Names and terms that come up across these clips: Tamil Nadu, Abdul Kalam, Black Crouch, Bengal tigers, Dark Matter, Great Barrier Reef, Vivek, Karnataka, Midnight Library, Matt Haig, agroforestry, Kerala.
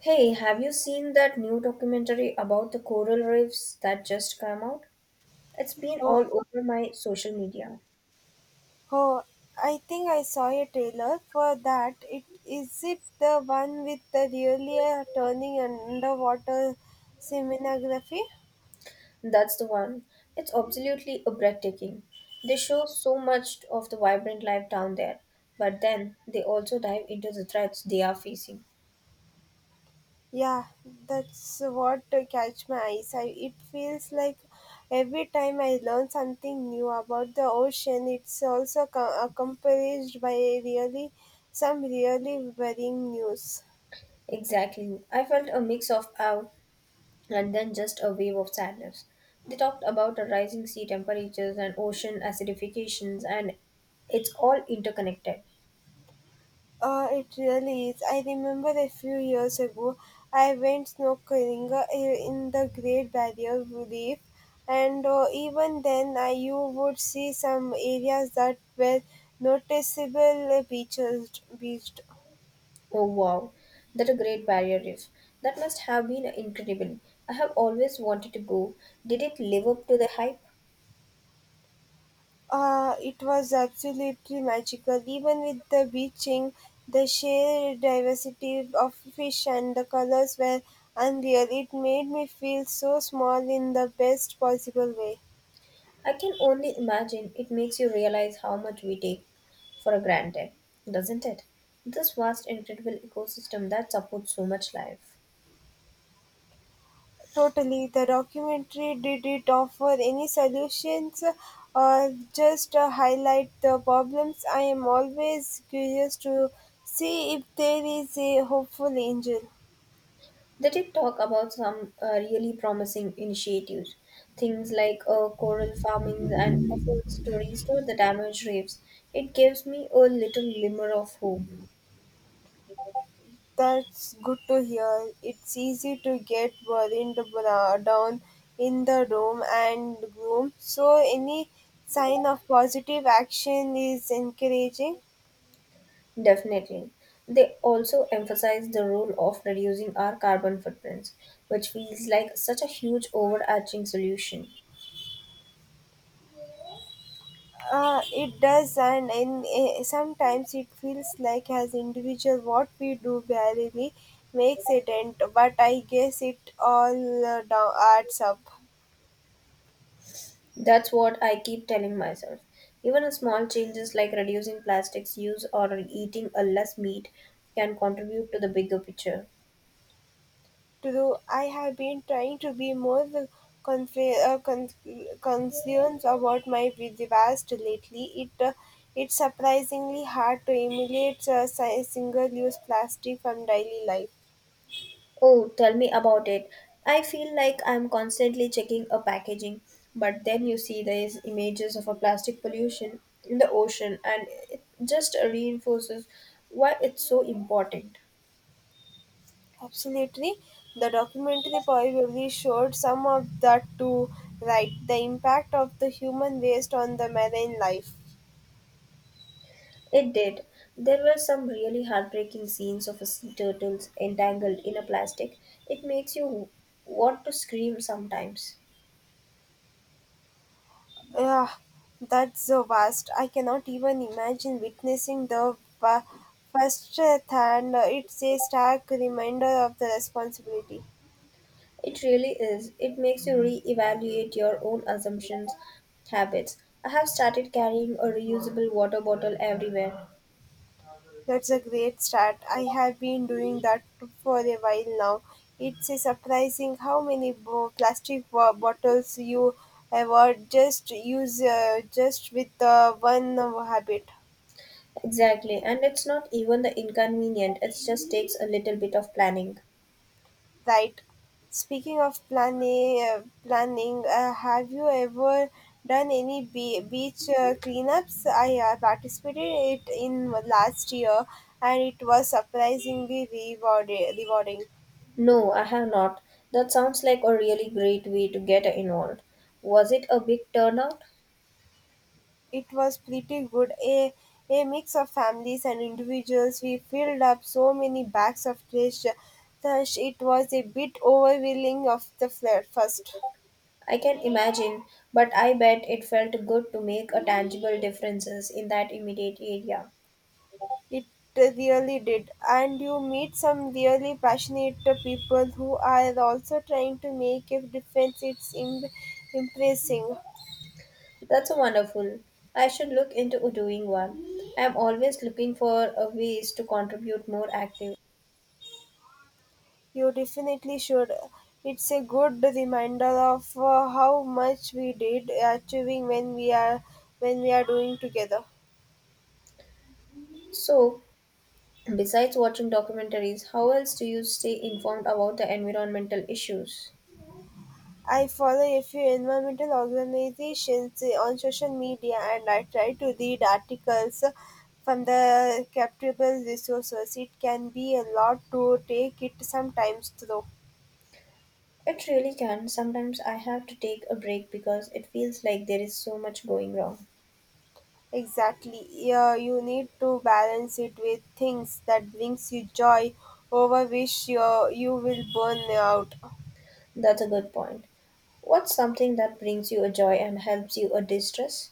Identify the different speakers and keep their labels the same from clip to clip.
Speaker 1: Hey, have you seen that new documentary about the coral reefs that just came out? It's been
Speaker 2: Oh,
Speaker 1: all over my social media.
Speaker 2: oh, I think I saw a trailer for that. It is it the one with the really turning underwater seminography?
Speaker 1: That's the one. It's absolutely breathtaking. They show so much of the vibrant life down there, but then they also dive into the threats they are facing.
Speaker 2: Yeah, that's what catch my eyes. I, it feels like every time I learn something new about the ocean, it's also accompanied by really some really worrying news.
Speaker 1: Exactly. I felt a mix of awe and then just a wave of sadness. They talked about the rising sea temperatures and ocean acidifications and it's all interconnected.
Speaker 2: It really is. I remember a few years ago, I went snorkeling in the Great Barrier Reef, and even then, you would see some areas that were noticeable beaches. Beached.
Speaker 1: Oh wow, that a Great Barrier Reef. That must have been incredible. I have always wanted to go. Did it live up to the hype?
Speaker 2: It was absolutely magical. Even with the beaching, the sheer diversity of fish and the colors were unreal. It made me feel so small in the best possible way.
Speaker 1: I can only imagine it makes you realize how much we take for granted, doesn't it? This vast, incredible ecosystem that supports so much life.
Speaker 2: Totally, the documentary didn't offer any solutions or just highlight the problems. I am always curious to see if there is a hopeful angel.
Speaker 1: They did talk about some really promising initiatives, things like coral farming and efforts to restore the damaged reefs. It gives me a little glimmer of hope.
Speaker 2: That's good to hear. It's easy to get worried down in the room and gloom, so any sign of positive action is encouraging.
Speaker 1: Definitely. They also emphasize the role of reducing our carbon footprints, which feels like such a huge overarching solution.
Speaker 2: It does, and in, sometimes it feels like as individual, what we do barely makes a dent. But I guess it all down, adds up.
Speaker 1: That's what I keep telling myself. Even a small changes like reducing plastics use or eating a less meat can contribute to the bigger picture.
Speaker 2: True, I have been trying to be more conf- uh, con- concerned about my vast lately. It it's surprisingly hard to eliminate single-use plastic from daily life.
Speaker 1: Oh, tell me about it. I feel like I'm constantly checking a packaging, but then you see these images of a plastic pollution in the ocean and it just reinforces why it's so important.
Speaker 2: Absolutely. The documentary probably showed some of that too, right? The impact of the human waste on the marine life.
Speaker 1: It did. There were some really heartbreaking scenes of a sea turtles entangled in a plastic. It makes you want to scream sometimes.
Speaker 2: Yeah, that's so vast. I cannot even imagine witnessing the first hand. It's a stark reminder of the responsibility.
Speaker 1: It really is. It makes you re-evaluate your own assumptions, habits. I have started carrying a reusable water bottle everywhere.
Speaker 2: That's a great start. I have been doing that for a while now. It's a surprising how many plastic bottles you ever just use just with one habit,
Speaker 1: Exactly, and it's not even the inconvenient, it just takes a little bit of planning.
Speaker 2: right? Speaking of planning, have you ever done any beach cleanups? I participated it in last year, and it was surprisingly rewarding.
Speaker 1: No, I have not. That sounds like a really great way to get involved. Was it a big turnout?
Speaker 2: It was pretty good. A mix of families and individuals. We filled up so many bags of trash. Thus, it was a bit overwhelming of the first.
Speaker 1: I can imagine, but I bet it felt good to make a tangible differences in that immediate area.
Speaker 2: It really did. And you meet some really passionate people who are also trying to make a difference. Impressing.
Speaker 1: That's a wonderful. I should look into doing one. I'm always looking for a ways to contribute more active.
Speaker 2: You definitely should. It's a good reminder of how much we did achieving when we are doing together.
Speaker 1: So, besides watching documentaries, how else do you stay informed about the environmental issues?
Speaker 2: I follow a few environmental organizations on social media and I try to read articles from the captable resources. It can be a lot to take it sometimes though.
Speaker 1: It really can. Sometimes I have to take a break because it feels like there is so much going wrong.
Speaker 2: Exactly. Yeah, you need to balance it with things that brings you joy over which you will burn out.
Speaker 1: That's a good point. What's something that brings you a joy and helps you a distress?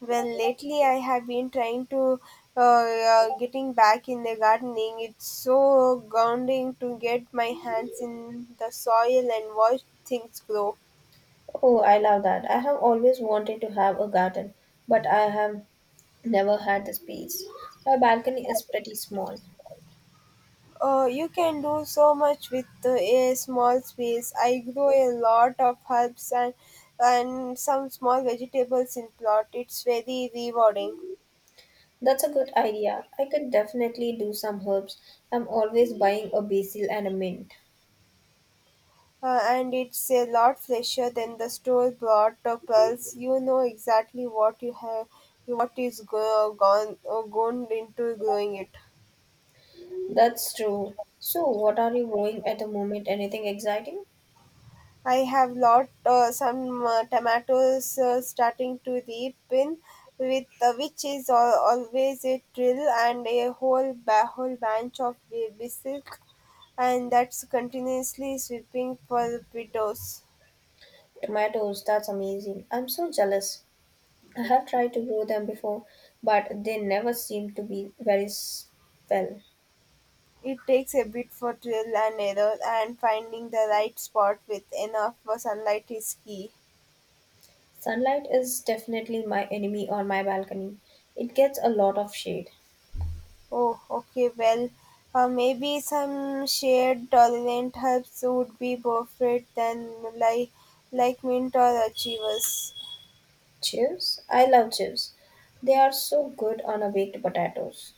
Speaker 2: Well, lately I have been trying to getting back in the gardening. It's so grounding to get my hands in the soil and watch things grow.
Speaker 1: Oh, I love that. I have always wanted to have a garden, but I have never had the space. My balcony is pretty small.
Speaker 2: You can do so much with a small space. I grow a lot of herbs and some small vegetables in plot. It's very rewarding.
Speaker 1: That's a good idea. I could definitely do some herbs. I'm always buying a basil and a mint.
Speaker 2: And it's a lot fresher than the store bought pearls. You know exactly what you have, what is gone into growing it.
Speaker 1: That's true. So, what are you growing at the moment? Anything exciting?
Speaker 2: I have lot some tomatoes starting to reap with which is always a thrill and a whole bunch of basil, and that's continuously sweeping for widows.
Speaker 1: Tomatoes, that's amazing. I'm so jealous. I have tried to grow them before, but they never seem to be very well.
Speaker 2: It takes a bit for trial and error, and finding the right spot with enough sunlight is key.
Speaker 1: Sunlight is definitely my enemy on my balcony. It gets a lot of shade.
Speaker 2: Oh, okay, well, maybe some shade tolerant herbs would be perfect then, like, like mint or achievers.
Speaker 1: Chips? I love chips. They are so good on a baked potatoes.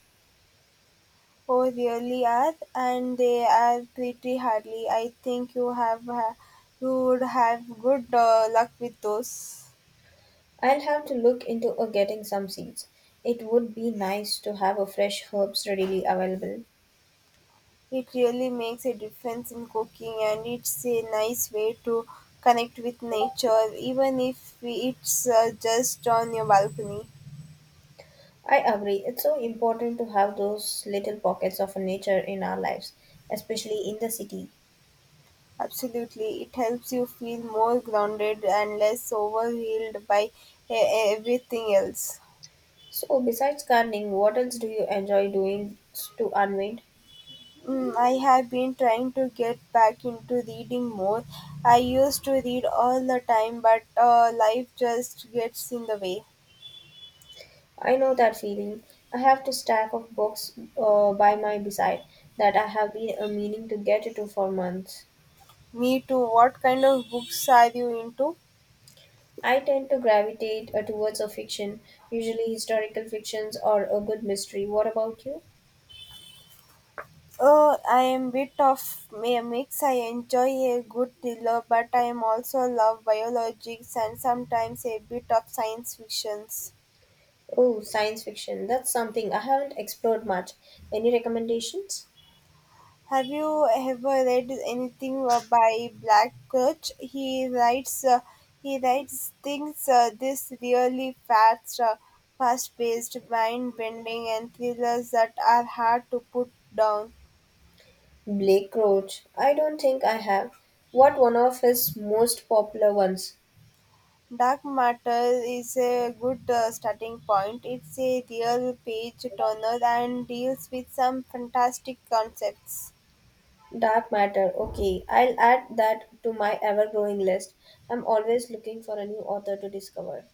Speaker 2: Oh, really are, and they are pretty hardly. I think you would have good luck with those.
Speaker 1: I'll have to look into getting some seeds. It would be nice to have a fresh herbs readily available.
Speaker 2: It really makes a difference in cooking, and it's a nice way to connect with nature, even if it's just on your balcony.
Speaker 1: I agree. It's so important to have those little pockets of nature in our lives, especially in the city.
Speaker 2: Absolutely, it helps you feel more grounded and less overwhelmed by everything else.
Speaker 1: So, besides gardening, what else do you enjoy doing to unwind?
Speaker 2: Mm, I have been trying to get back into reading more. I used to read all the time, but life just gets in the way.
Speaker 1: I know that feeling. I have to stack of books by my beside that I have been meaning to get to for months.
Speaker 2: Me too. What kind of books are you into?
Speaker 1: I tend to gravitate towards a fiction, usually historical fictions or a good mystery. What about you?
Speaker 2: Oh, I am bit of a mix. I enjoy a good thriller, but I am also love biologics and sometimes a bit of science fictions.
Speaker 1: Oh, science fiction. That's something I haven't explored much. Any recommendations?
Speaker 2: Have you ever read anything by Black Crouch? He writes things this really fast-paced, mind-bending, and thrillers that are hard to put down.
Speaker 1: Blake Crouch. I don't think I have. What one of his most popular ones?
Speaker 2: Dark Matter is a good starting point. It's a real page turner and deals with some fantastic concepts.
Speaker 1: Dark Matter. Okay, I'll add that to my ever growing list. I'm always looking for a new author to discover.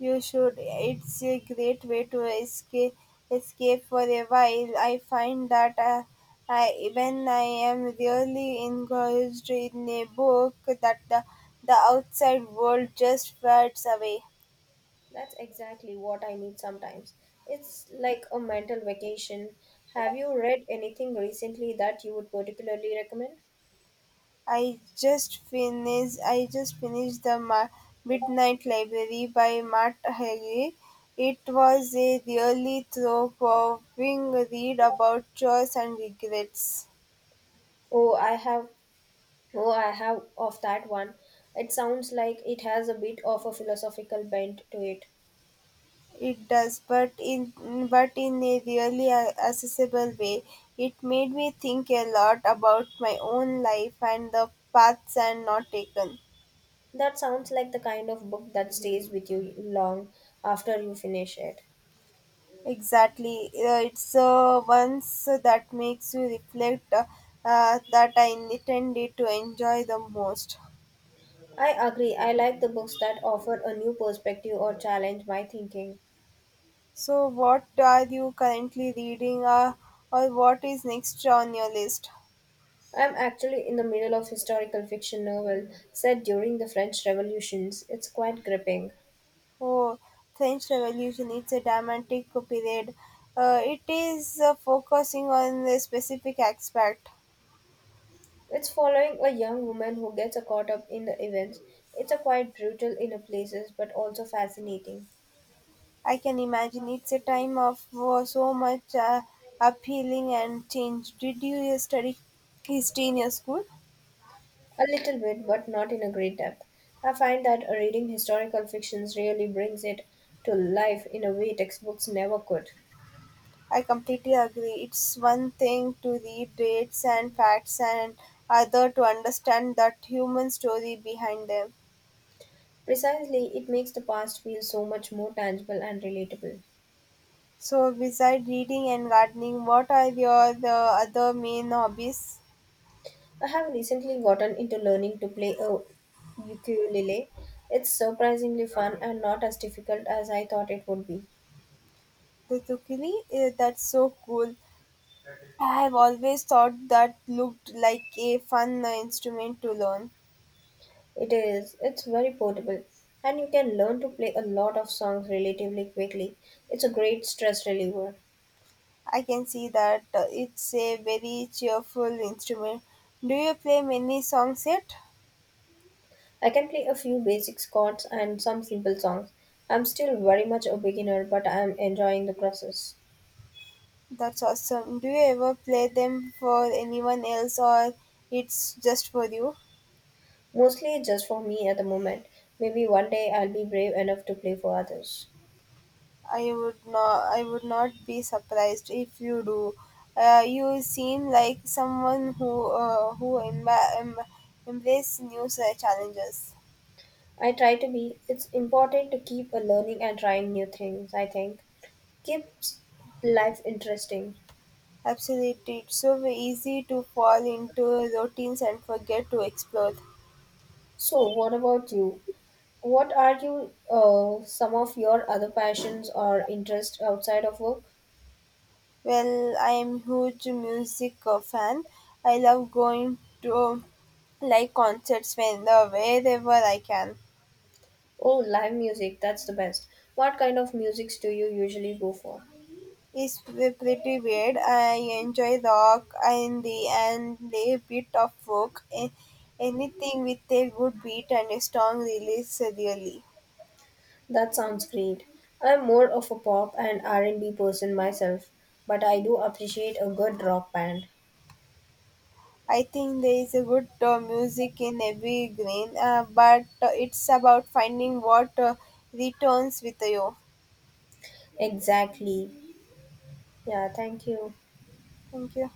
Speaker 2: You should. It's a great way to escape for a while. I find that when I am really engaged in a book, that the outside world just fades away.
Speaker 1: That's exactly what I need sometimes. It's like a mental vacation. Have you read anything recently that you would particularly recommend?
Speaker 2: I just finished the Midnight Library by Matt Haig. It was a really thought-provoking read about choice and regrets.
Speaker 1: Oh, I have. Oh, I have of that one. It sounds like it has a bit of a philosophical bent to it.
Speaker 2: It does, but in a really accessible way. It made me think a lot about my own life and the paths and not taken.
Speaker 1: That sounds like the kind of book that stays with you long after you finish it.
Speaker 2: Exactly. It's once that makes you reflect that I intended to enjoy the most.
Speaker 1: I agree. I like the books that offer a new perspective or challenge my thinking.
Speaker 2: So, what are you currently reading, or what is next on your list?
Speaker 1: I'm actually in the middle of historical fiction novel set during the French Revolutions. It's quite gripping.
Speaker 2: Oh, French Revolution. It's a dramatic period. It is focusing on a specific aspect.
Speaker 1: It's following a young woman who gets caught up in the events. It's a quite brutal in a places but also fascinating.
Speaker 2: I can imagine it's a time of so much appealing and change. Did you study history in your school?
Speaker 1: A little bit but not in a great depth. I find that reading historical fictions really brings it to life in a way textbooks never could.
Speaker 2: I completely agree. It's one thing to read dates and facts, and other to understand that human story behind them.
Speaker 1: Precisely, it makes the past feel so much more tangible and relatable.
Speaker 2: So, besides reading and gardening, what are your the other main hobbies?
Speaker 1: I have recently gotten into learning to play a ukulele. It's surprisingly fun and not as difficult as I thought it would be.
Speaker 2: Tutukili, eh, that's so cool. I have always thought that looked like a fun instrument to learn.
Speaker 1: It is, it's very portable, and you can learn to play a lot of songs relatively quickly. It's a great stress reliever.
Speaker 2: I can see that it's a very cheerful instrument. Do you play many songs yet?
Speaker 1: I can play a few basic chords and some simple songs. I'm still very much a beginner, but I'm enjoying the process.
Speaker 2: That's awesome. Do you ever play them for anyone else or it's just for you?
Speaker 1: Mostly just for me at the moment. Maybe one day I'll be brave enough to play for others.
Speaker 2: I would not be surprised if you do. You seem like someone who embrace new challenges.
Speaker 1: I try to be. It's important to keep a learning and trying new things, I think. Keeps life interesting.
Speaker 2: Absolutely. It's so easy to fall into routines and forget to explore.
Speaker 1: So, what about you? What are you some of your other passions or interests outside of work?
Speaker 2: Well, I am huge music fan. I love going to concerts when wherever I can.
Speaker 1: Oh, live music, that's the best. What kind of musics do you usually go for?
Speaker 2: Is pretty weird. I enjoy rock and a bit of folk. Anything with a good beat and a strong release, really.
Speaker 1: That sounds great. I'm more of a pop and R&B person myself, but I do appreciate a good rock band.
Speaker 2: I think there is a good music in every grain, but it's about finding what returns with you.
Speaker 1: Exactly. Yeah, thank you.
Speaker 2: Thank you.